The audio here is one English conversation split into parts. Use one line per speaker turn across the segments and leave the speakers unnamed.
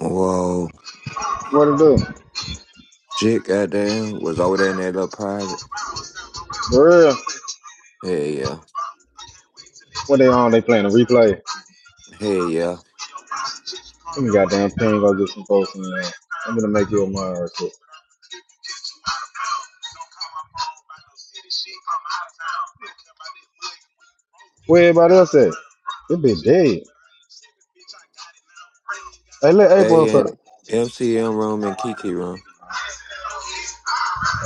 Whoa,
What it do?
shit, goddamn, was over there in that little private.
For real?
Hey, yeah,
What they on? They playing a replay.
hey, yeah.
Let me goddamn ping go get some folks in there. I'm gonna make you a mind real quick. Where everybody else at? This bitch dead. Hey, let April up.
They in MCM room and Kiki room.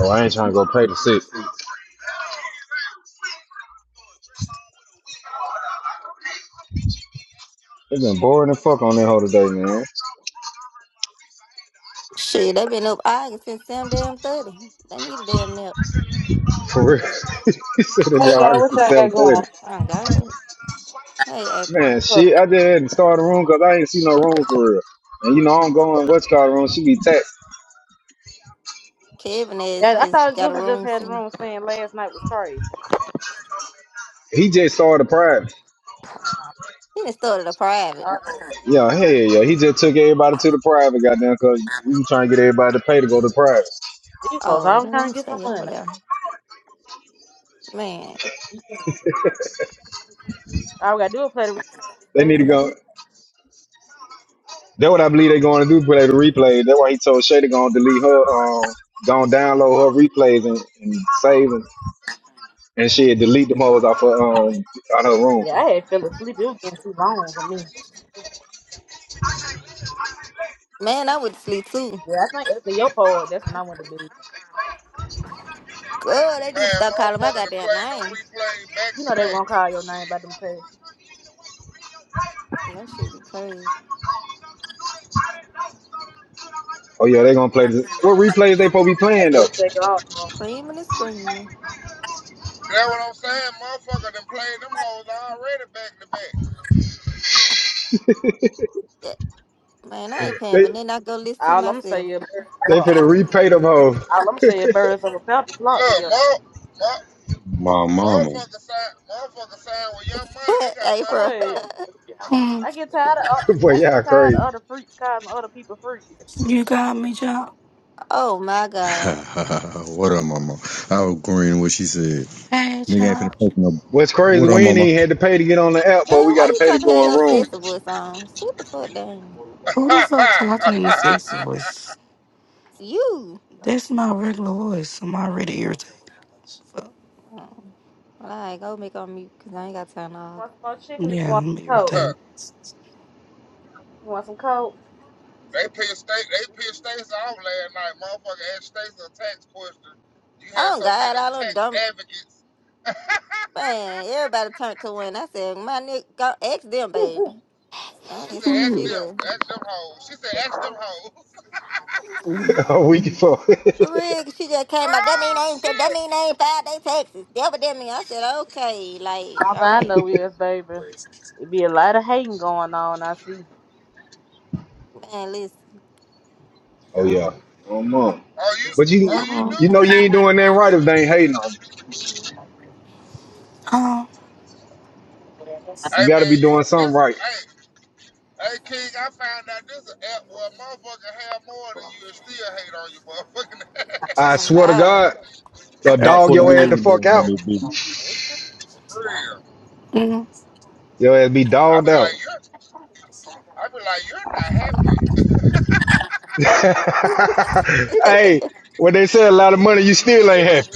Oh, I ain't trying to go pay the sick. It's been boring as fuck on that whole today, man.
Shit, they been up August since Sam damn thirty. They need a damn nap.
For real. he said it been
Hey y'all,
August
what
the
y'all got
730.
going?
Oh God. Hey April.
Man, shit,
Look,
I just had to start a room because I ain't see no room for real. And you know, I'm going what's called room. She be taxed.
Kevin has
I I
just
thought
got a
Joseph just
room
had the
scene.
room saying last night was crazy.
He just started the pride.
He done started a private.
Uh,
Yeah, hell yeah. yeah. He just took everybody to the private, goddamn, because you trying to get everybody to pay to go to private.
these folks,
Oh,
I'm
let
trying
him
to get
stay
some
over
money.
there. Man.
All we gotta do is play the replay.
They need
But
to go. That's what I believe they're going to do, play the replay. That's why he told Shay to go and delete her, um, go and download her replays and, and save them and shit, delete them hoes off her, um, out her room.
yeah, I had fell asleep. It was getting too long for me.
Man, I would sleep too.
Yeah, I think after your poll, that's when I went to bed.
God, they need to
Man,
start calling my
motherfucker done
goddamn
played them
name.
replay back
You
to
know they
back.
won't call your name
Shit.
by them tests.
That shit be crazy.
Oh, yeah, they're going to play this. What replays they supposed to be
I
playing, though?
guess they go the room.
Creaming and screaming.
That what I'm saying? Motherfucker done played them hoes already back to back.
Yeah, Man, I ain't paying
They
for nothing. I go listen to
All I'm gonna say
myself.
is birds of
they finna
a-
repay them hoes.
all I'm saying birds of a feather flock
Look,
together.
mo, mo,
My mama.
motherfucker sign, motherfucker sign with young money. They got money to
April.
Wait,
blow.
Hmm,
I get tired of
Boy,
I
y'all
get tired of
crazy.
other freaks calling other people freaks.
you got me, child.
Oh my God.
what up, mama? I was agreeing with what she said.
Hey,
Nigga ain't finna
child.
poke no.
What's crazy,
What up,
we ain't
mama?
even had to pay to get on the app, but we
Girl, why
got to
you
pay to
trying to have
go in
your
room
sister voice on? Sit the fuck down.
Who the fuck talking in the sexy voice?
You.
That's my regular voice. I'm already irritated. Fuck.
Oh, like, go make on mute because I ain't got time to hog.
Want some more chicken? Or You
Yeah,
want
I'm
some coke?
irritated.
You want some coke?
they pissed state, they pissed states off last night. Motherfucker asked states a tax question. You had
Oh,
so
God,
many
all them
tax
dumb.
advocates.
Man, everybody turned to one. I said, my nigga, go ask them, baby. Don't
She
ask
said,
me
ask
shit
Mm,
them,
else.
ask them hoes. She said, ask them hoes.
mm,
a week before.
For real, 'cause she just came out. That mean
oh
I ain't, that
shit.
mean I ain't filed they taxes. That what that mean. I said, okay, like,
All I
okay.
know is, baby, it be a lot of hating going on. I see.
Man, listen.
Oh yeah. Oh mom.
Oh you,
But you
oh you
mm.
knew?
you know you ain't doing nothing right if they ain't hating on you.
Mm-hmm.
Huh?
Hey
You gotta
man,
be doing
you
something
this
right.
hey hey King, I found out this an app where a motherfucker have more than you and still hate on you motherfucking app
I
Oh,
swear to
God.
God, they'll
Out
dog
for the
your ass the fuck
millionaires on
out.
this
That's true.
for real.
Mm.
Your ass be
I
dogged
be like
out.
you're I be like you're not happy.
hey, when they say a lot of money, you still ain't happy.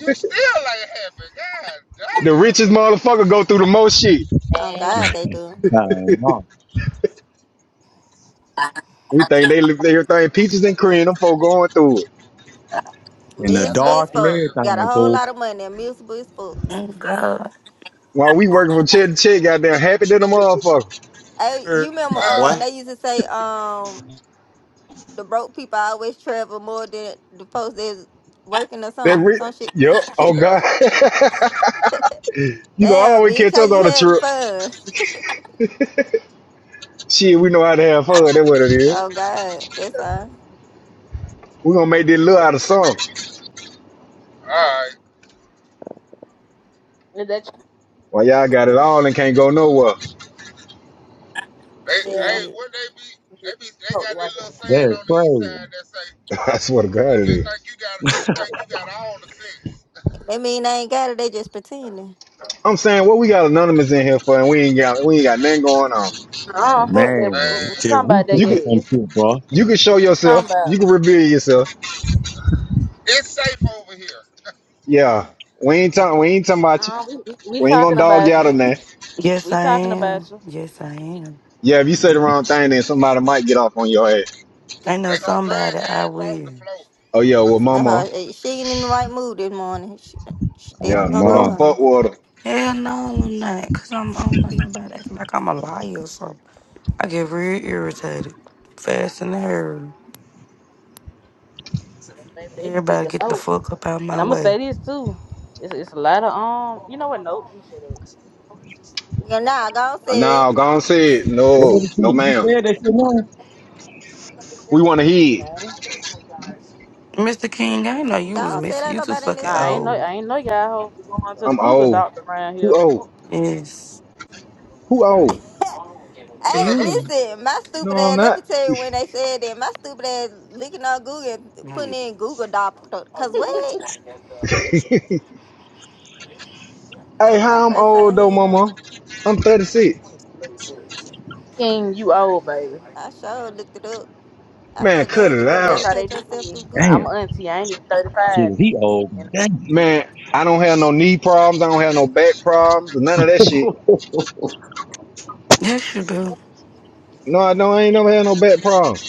You still ain't happy. God
The
damn.
richest motherfucker go through the most shit.
oh,
And
God,
bitch.
they do.
Oh, mama.
We think they live everything peaches and cream, them folk going through it.
In the
Talking
Miserable
about
as
dark
for
and
fuck.
real.
Got a
everything,
whole
fool.
lot of money. And Miserable as fuck.
Oh, God.
While we working from check to check, goddamn happy than a motherfucker.
Hey, you
Er,
remember,
Look,
um,
Boy,
they used to say, um, the broke people always travel more than the folks that's working or
That
something.
rich,
Some shit.
Yep. oh God.
yeah.
you gonna
Damn,
always
bitch,
catch
how
us
you
on the
having
trip.
fun?
Shit, we know how to have fun. That's what it is.
Oh God, that's all.
We're gonna make this little out of some.
Alright.
that
While y'all got it all and can't go nowhere.
They
you yeah,
hey
Shit.
what they be they be they
fuck the
got this
white
little
people.
saying
that's
on the east
crazy.
side that say
I swear to God
you
it
just
is.
think you got you think you got all the sense.
They mean they ain't got it. They just pretending.
I'm saying what we got anonymous in here for and we ain't got we ain't got nothing going on.
Uh, fuck that. We,
Man,
we
just
talking
Man,
about that
reaching
You
yeah,
for
could
some
yes.
shit, bro.
you could show
We talking
yourself,
about
you can reveal yourself.
it's safe over here.
Yeah. We ain't talking we ain't talking
'em.
about you.
Uh, we, we we
We ain't gonna
talking
dog you
about
out
you.
on that.
Yes,
We
I
talking about
am.
you.
Yes, I am.
Yeah, if you say the wrong thing then somebody might get off on your head.
I know
They gonna drag your
somebody I
ass across the
will.
floor.
Oh yeah, well
No,
mama.
eh, she ain't in the right mood this morning. She, she
Oh,
Yeah,
definitely gonna
so
go
don't
mom.
fuck
on.
with her.
Hell no, I'm not. Because I'm, I don't let nobody act like I'm a liar or something. I get real irritated. Fast and hairy.
Baby, they did
Everybody
the
get the
most.
fuck up out of my
And I'm gonna
way.
say this too. It's it's a lot of um. You know what? Nope. Let me shut up.
Yeah, nah, God
Uh,
said.
Now, go on
Uh,
say it.
Say
No,
the
no
shit. You
ma'am.
said that shit wrong?
We wanna hear it.
nah,
Mr. King, I didn't know you was
God said
missing.
ain't
You too
nobody in
nah.
fucking
this
I
house.
ain't know.
old.
I ain't know y'all hoes going to the
I'm
Google
old.
doctor around
Who
here.
old?
Yes,
Who old?
To
Hey,
the who?
you.
listen, my
No,
stupid
I'm
ass. Let me
not.
tell you when they said that. My stupid ass looking on Google, and putting in Google Doc. Cause what?
hey,
That was my
how I'm
first
old
time
though,
hearing that. one.
mama? I'm 36.
King, you old baby.
I sure looked it up. I
Man,
said,
cut
"Damn, you
it
That,
can
that's
out.
how they
medicate
do
yourself
me.
through
My-
Google."
I'm
Damn.
an auntie. I ain't even
Shit,
35 yet.
he old.
And
Damn.
I'm an auntie.
Man, I don't have no knee problems. I don't have no back problems. or None of that shit.
Yes, you do.
No, I don't. I ain't never had no back problems.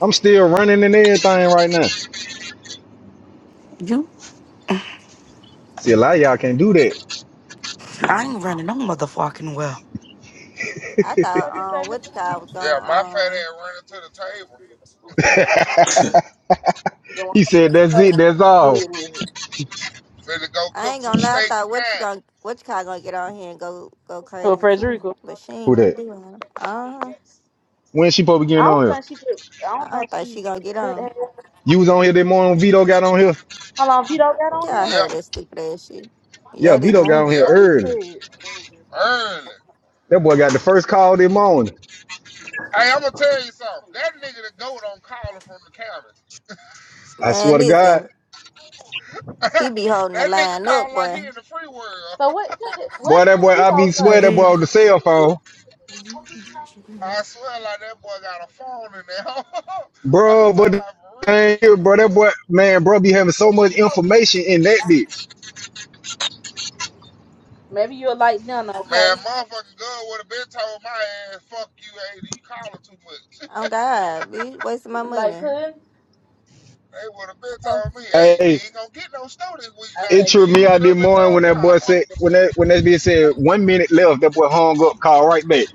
I'm still running and everything right now.
You,
See, a lot of y'all can't do
I ain't running no motherfucking well.
I
that.
thought,
What you say,
um,
Mr.
what you call
Williams?
was
Yeah,
gonna,
my fat
um,
ass running to the table.
You don't want
he said, that's it.
to
That's all.
come
Finna go
I
cook
ain't
some
gonna lie. I
steak
thought
now.
what you gonna, what you call gonna get on here and go, go
Well,
crazy too.
Frederica,
But she
Who
ain't even
that?
doing it. Uh huh.
When she probably
I
getting on
don't
here?
think she could. I
I
don't think
don't think she
she
gonna get
could
on.
have.
You was on here this morning. when Vito got on here.
How long Vito got on
Yeah, I
here?
Yep,
heard that stupid ass shit.
Yeah,
Yeah, this
Vito got on
morning,
here
What
yep,
he
early.
said?
early.
That boy got the first call this morning.
Hey, I'm gonna tell you something. That nigga the goat on calling from the county.
I swear
man.
to God.
Listen, he be holding the
that nigga
line up,
call like he
boy.
in the free world.
So what? What did, what
Boy, that
did
boy, I be
Vito
You
swear
say?
that
did.
boy on the cell phone.
I swear like that boy got a phone in there. I'm
Bro,
talking
but the
about for real.
bro, that boy, man, bro, be having so much information in that bitch.
Maybe you'll like none,
Man,
okay?
motherfucking girl would have been told my ass, fuck you, AD. You calling too much.
Oh God, be wasting my
You like
money.
pudding?
They would have been
No.
told me, hey, you
Hey,
ain't gonna get no snow this week now.
I
it
said
You
tripped
done
me
used it
out this
up in
morning when
phone
that boy
calls.
said, when that, when that bitch said, one minute left, that boy hung up, called right back.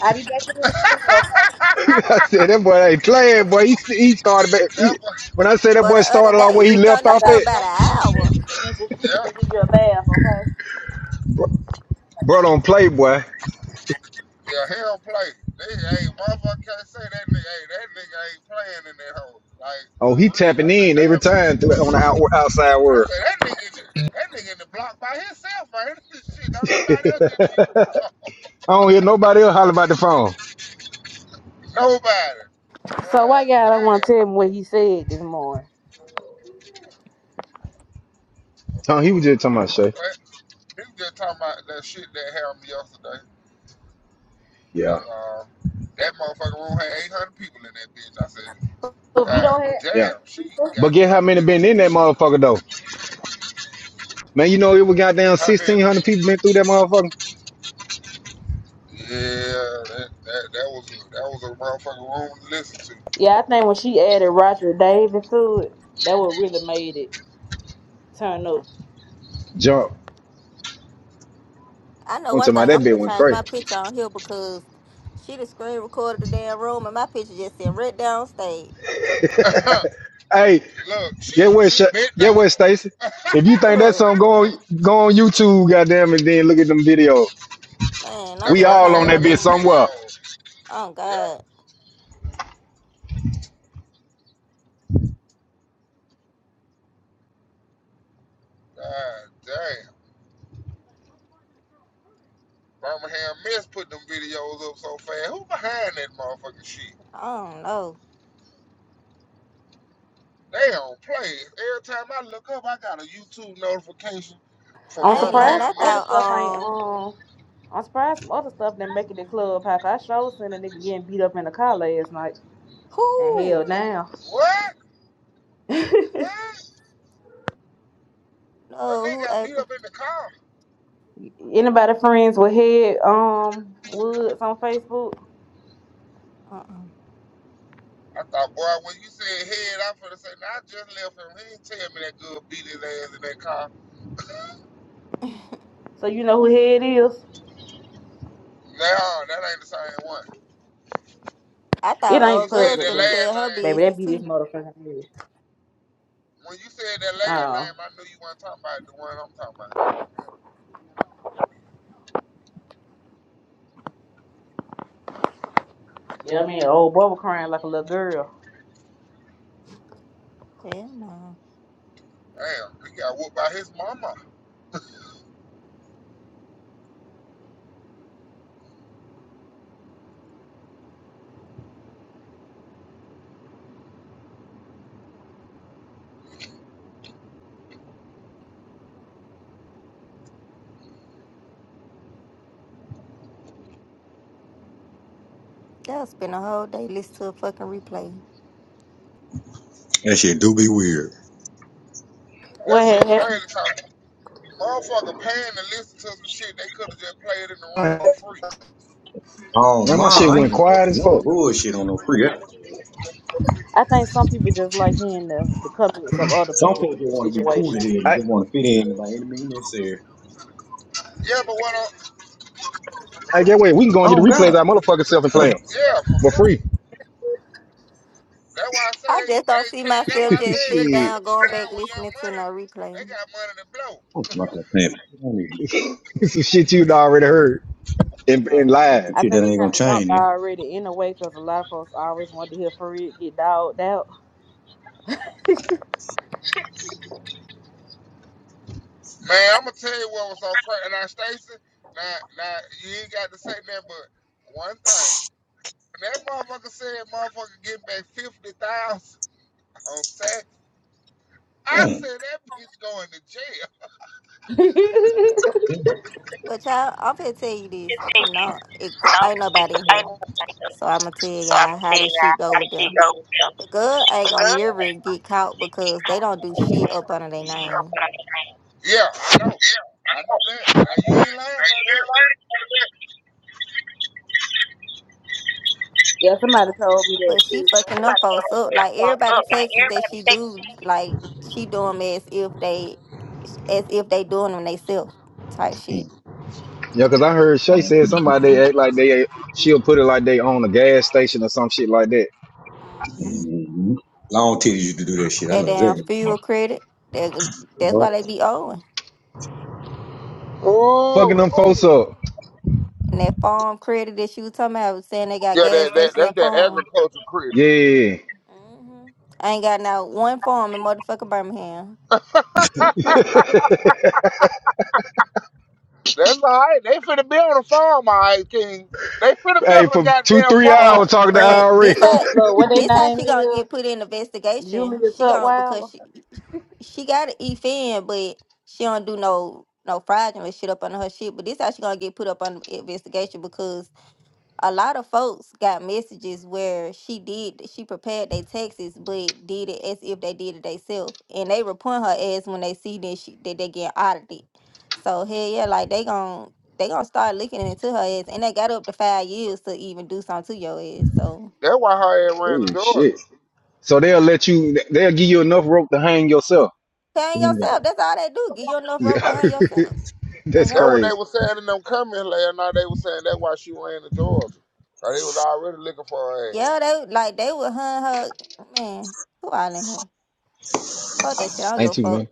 I'll be back in here in a minute, okay?
I said, that boy ain't playing, boy. He, he started back. He,
that boy,
when I say that
But the
boy
other
started
day
off
he
where he
was on
left
I
this
off
said I'll
hoe
be
at,
about an
back in here in a
hour.
minute to change your sheets
yeah.
and give you a bath, okay?
bro, don't play, boy.
Yeah, hell play. They hey motherfucker can't say that nigga hey that nigga ain't playing in that hole. Like
Oh,
for
he
real.
tapping
I said,
in every
damn
time through, on the out, outside
I
world.
said that nigga that nigga in the block by himself, ain't he? Shit, don't nobody else need to use uh,
I don't hear nobody else holler about the phone.
nobody.
So
God
why God I want to
damn.
tell me what he said this morning?
Tom, he was just talking about Shay.
But he was just talking about that shit that happened yesterday.
Yeah.
And, uh, that motherfucker room had eight hundred people in that bitch. I said,
If you
God
don't have,
Yeah.
damn, she
But get how
goddamn
many
this
been in that
she
motherfucker though? Man, you know it was goddamn
how many?
sixteen hundred people been through that motherfucker.
Yeah, that, that that was a, that was a motherfucking room to listen
yeah, I think when she added Roger Davis to it, that what really made it turn up.
Jump.
I know
I'm
one
talking about
thing. I'm
that bit
gonna
went
change my
crazy.
picture on here because she the screen recorded the damn room and my picture just sitting right downstage.
to.
Hey,
Look, she
get what
she
Sha
bent
get
over.
what Stacy. If you think that's
Ugh,
something, go on go on YouTube, goddamn and then look at them videos.
Man, I'm
That
We
finna
all
change
on
Birmingham
my
that bit
Miss
picture.
somewhere.
videos.
Oh
Yeah,
God,
God damn. Birmingham Miss put them videos up so fast. Who behind that motherfucking shit?
I don't know.
They don't play. Every time I look up, I got a YouTube notification from
I'm
I ain't lying.
surprised
Birmingham
I
other
Miss.
thought
stuff ain't
um
um. I'm surprised some other stuff didn't make it to club. How I sure seen a nigga getting beat up in the car last night and
who
held down.
What? What? A
no
nigga
who
got beat
April.
up in the car.
Anybody friends with Head um Woods on Facebook?
Uh-uh.
I thought, boy, when you said head, I'm finna say, now I just left him. He didn't tell me that good beat his ass in that car.
So you know who Head is.
No, that ain't the same one.
I
It
thought
When you
ain't
old
said
girl's
public,
that
finna
but
last
tell her
name,
baby, that
business
be this
too.
motherfucking head.
when you said that last
Oh,
name, I knew you weren't talking about the one I'm talking about.
yeah, I mean, old boy was crying like a little girl.
Hell no.
Damn, he got whooped by his mama.
They'll spend a whole day listening to a fucking replay.
That shit do be weird.
That
What had
shit
happened?
crazy, cause motherfucker paying to listen to some shit they could have just played in the room
Man,
for free.
oh,
my shit
mom. I ain't
went
gonna take
quiet as
no
fuck.
bullshit on no free.
I think some people just like hearing the, the comments of other
Some
people's
people just want to be cool
situation.
today and
I
just want to fit in by any means necessary.
Yeah, but what? i
I get what we can go and get
Oh
the replays
God,
our motherfucking self and play them
I'm
yeah, for
for
free.
free.
That's why I say
I
they,
just don't
hey
see
King. That's
myself
why I said
just
they
sitting
got
shit.
to
down,
be
going back,
signed with Young
listening to no
Money. They
replay.
got money to blow.
not Some
Some shit you'd already heard in, in
Uh,
live.
I
shit
think
that ain't
it
gonna
kind of
change.
jumped
man.
already in a way because a lot of folks always want to hear Farid get dogged out.
Man, I'm gonna tell you what was so crazy. Now, Stacey, now, now you ain't got to say that, but one thing that motherfucker said, motherfucker getting back fifty thousand on tax. I
Mm.
said that bitch going to jail.
Yeah. No,
But y'all, I'm finna tell you this. No, it could, ain't
I don't
nobody in here.
like them.
So I'm gonna tell
So I'm
y'all how
saying
this shit
that
go with
I should
them.
go with them.
The girl ain't
The
gonna
girl,
never get caught because they don't do shit up under their
she
name.
opened up my eyes.
Yeah, I know,
Yeah,
I
of
know
course.
that. Now you ain't lying about that.
Yeah, somebody told me that
But she
too.
fucking them folks up. Like everybody
Like
texts that
everybody
she
take
do, like she doing them as if they as if they doing them themselves type shit.
Yeah, because I heard
Mm.
Shay
Long
said
titties used
somebody they act like they she'll put it like they own a gas station or some shit like that.
Mhm.
Mhm. Long titties used to do that shit. I
That
know
damn
exactly.
fuel credit. That, that's why they be owing.
Fucking them
Ooh, ooh.
folks up.
And that farm credit that she was talking about was saying they got
yeah,
gas
that, that
stations
that's
and
that
farms.
agriculture critter.
Yeah.
hmm I ain't got no one farm in motherfucking Birmingham.
That's all right. They finna be on a farm, all right, King. They finna be on
Hey,
a
for two,
goddamn
three
farm.
hours
But
talking to
but this
IRS.
how
look, look, what they
this how
name
she gonna get
is
put in
Julia
investigation. She gonna because
Tutwiler.
she she got an E fan, but she don't do no no fraudulent shit up under her shit. But this how she gonna get put up on investigation because. a lot of folks got messages where she did she prepared their taxes but did it as if they did it themselves and they report her ass when they see that she that they get audited so hell yeah like they gon' they gonna start looking into her ass and they got up to five years to even do something to your ass so
That's why her ass ran
oh
to Georgia.
shit. So they'll let you they'll give you enough rope to hang yourself.
hang
Mm-hmm.
yourself that's all they do give you enough rope to hang yourself oh
That's
That what
god
they
crazy.
was saying in them comments last night. They was saying that why she ran to Georgia. Like they was already looking for her ass.
yeah they like they would hung her man who all in here fuck that shit i don't give
Ain't
a
too
fuck
man.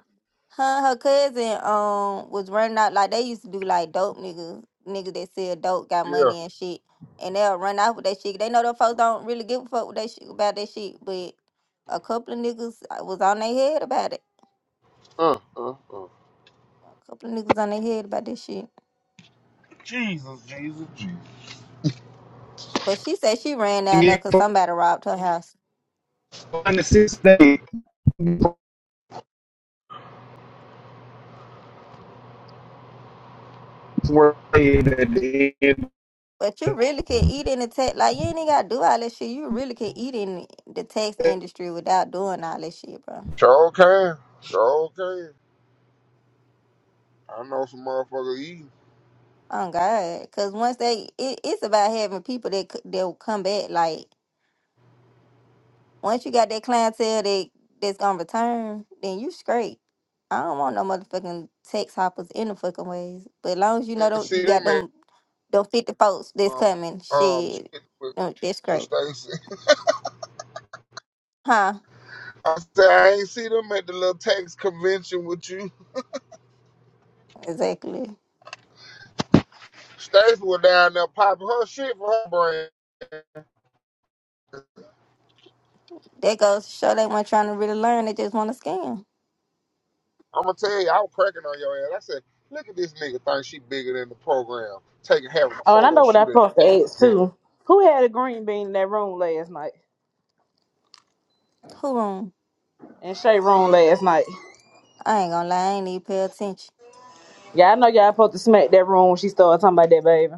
Her and her cousin um was running out like they used to do like dope niggas niggas that sell dope got
Yeah.
money and shit and they'll run out with that shit. They know them folks don't really give a fuck with that shit about that shit, but a couple of niggas uh, was on their head about it.
Uh, uh, uh.
A couple of niggas on their head about this shit.
Jesus, Jesus, Jesus.
But she said she ran
And
down there
you
because somebody robbed her house.
find the six days worth at the end
But you really can eat in the tech like you ain't even gotta do all that shit. You really can eat in the tax industry without doing all that shit, bro.
Sure can. Sure can. I know some motherfucker eating.
Oh God, because once they, it, it's about having people that c- that will come back. Like once you got that clientele that that's gonna return, then you straight. I don't want no motherfucking text hoppers in the fucking ways. But as long as you know
And
tho- you
see
got
them in
them them fifty folks that's
um
coming,
um
shit,
shit with,
uh, that's
with
great,
Stacy.
huh?
I said I ain't see them at the little tax convention with you.
Exactly.
Stacy was down there popping her shit for her brand.
That goes to show they weren't trying to really learn. They just want to scam.
I'm gonna tell you, I was cracking on your ass. I said, look at this nigga think she bigger than the program, taking having a
Oh, and I
photo
know what I
shoot at the
supposed to
cat
ask
event.
too. Who had a green bean in that room last night?
Who wrong?
In Shay room last night.
I ain't gonna lie. I ain't even pay attention.
Yeah, I know y'all supposed to smack that room when she started talking about that baby.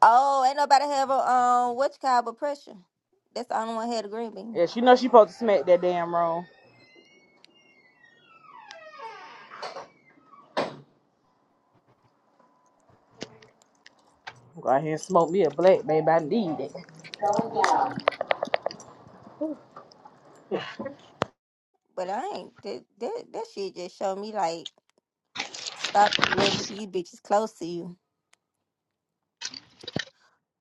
Oh, ain't nobody have a um what you call blood pressure. That's the only one had a green bean.
Yeah, she know she supposed to smack that damn room. Go out here and smoke me a black, baby. I need it.
But I ain't that that that shit just showed me like stop letting these bitches close to you.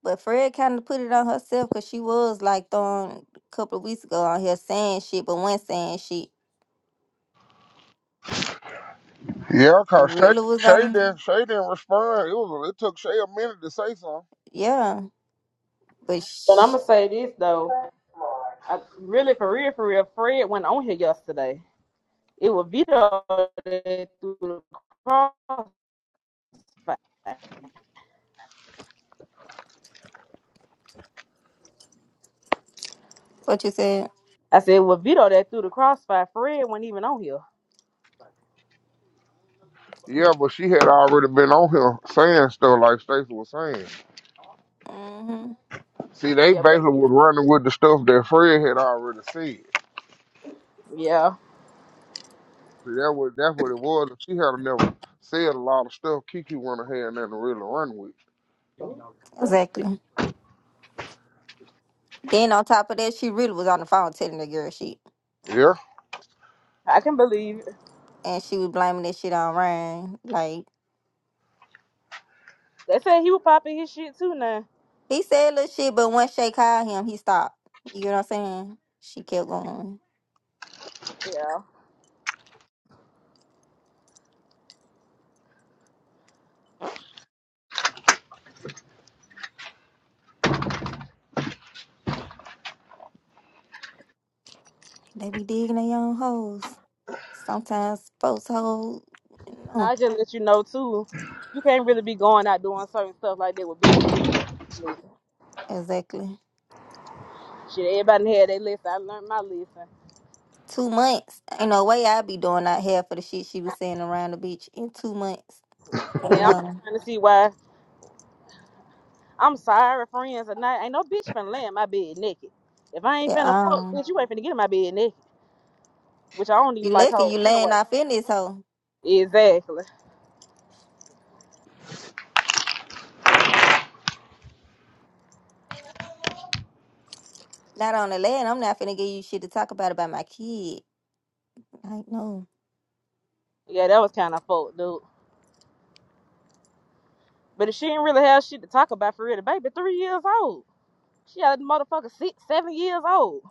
But Fred kind of put it on herself because she was like throwing a couple of weeks ago on here saying shit, but when saying shit,
Yeah,
I
cause Shay,
really was
Shay
on
didn't Shay didn't respond. It was it took Shay a minute to say something.
yeah. But
But I'm
sh-
gonna say this though, I, really for real, for real, Fred went on here yesterday. It was Vito that threw the crossfire.
what you said,
I said, well, Vito that threw the crossfire. Fred wasn't even on here.
Yeah, but she had already been on here saying stuff like Stacey was saying.
hmm
See, they
Yeah, but,
basically was running with the stuff that Fred had already said.
yeah,
See, that was that's what it was. If She had never said a lot of stuff Kiki went ahead and nothing to really run with.
exactly. Then on top of that, she really was on the phone telling the girl shit,
Yeah.
I can believe it.
and she was blaming that shit on Ryan, like.
They said he was popping his shit too now.
He said little shit, but once Shay called him, he stopped. You get what I'm saying? She kept going.
Yeah,
They be digging their own holes. Sometimes folks holes.
now
No,
I just let you know too. You can't really be going out doing certain stuff like that with bitches. You meet.
exactly.
shit, everybody had their list. I learned my lesson,
Two months. Ain't no way i be doing out here for the shit she was saying around the beach in two months.
and then I'm
No.
trying to see why. I'm sorry, friends, and I ain't no bitch finna lay in my bed naked. If I
Yeah,
ain't finna fuck,
um,
bitch, you ain't finna get in my bed naked. Which I don't even
you
like
lucky
hoes
you laying
anyway.
off in this hoe?
Exactly.
Not on the land. I'm not finna give you shit to talk about about my kid. Like, no.
Yeah, that was kind of fucked, dude. But if she didn't really have shit to talk about for real, the baby three years old. She had a motherfucker six, seven years old.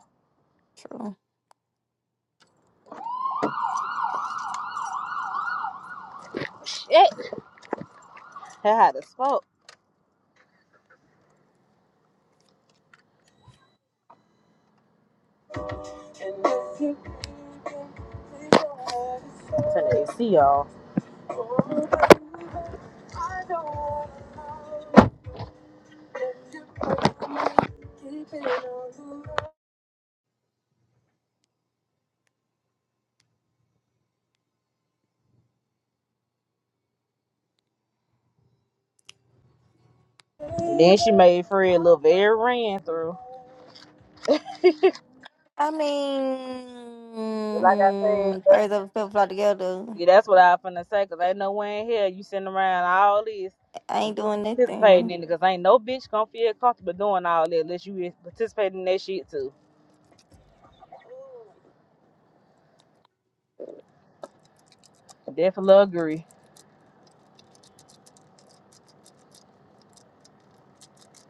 True.
Shit. How the fuck? Turn the AC off. And then she made Fred look very ran through.
I
Like I said.
mean, third of fifth fly together.
Yeah, that's what I was finna say, cause ain't no way in here you sitting around all this
I
and
ain't
you
doing
ain't participating
nothing.
in it, cause ain't no bitch gonna feel comfortable doing all that unless you is participating in that shit too. Definitely agree.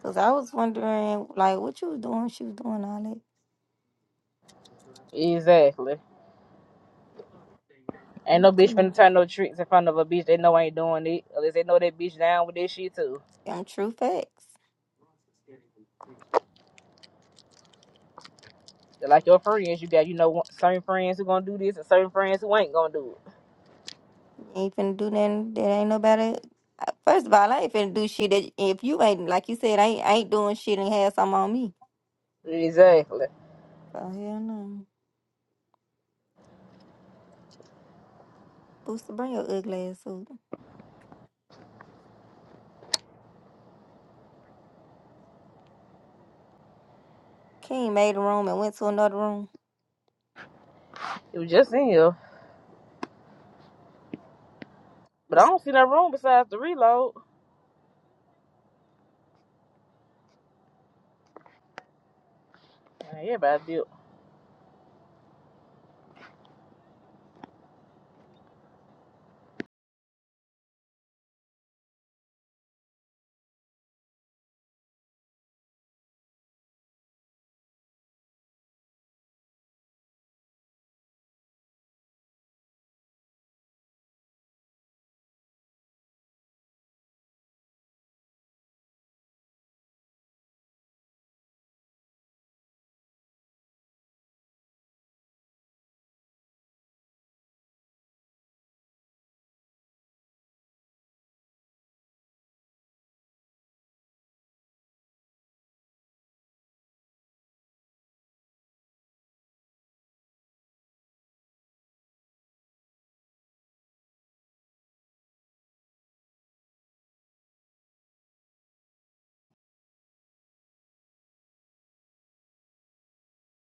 Cause I was wondering, like, what you was doing? She was doing all that,
Exactly. Ain't no
but you
bitch
know,
finna turn no tricks in front of a bitch they know ain't doing it, unless they know that bitch down with that shit too.
them true facts.
Just Like your friends, you got you know one- certain friends who gonna do this and certain friends who ain't gonna do
You ain't finna do nothing that ain't nobody. I- First of all, I ain't finna do shit that if you ain't like you said, I ain't, I ain't doing shit and have something on me.
it. Exactly.
So hell no. Booster, bring your ugly ass up. King made a room and went to another room.
It was just in here, but I don't see no room besides the reload. Man, everybody built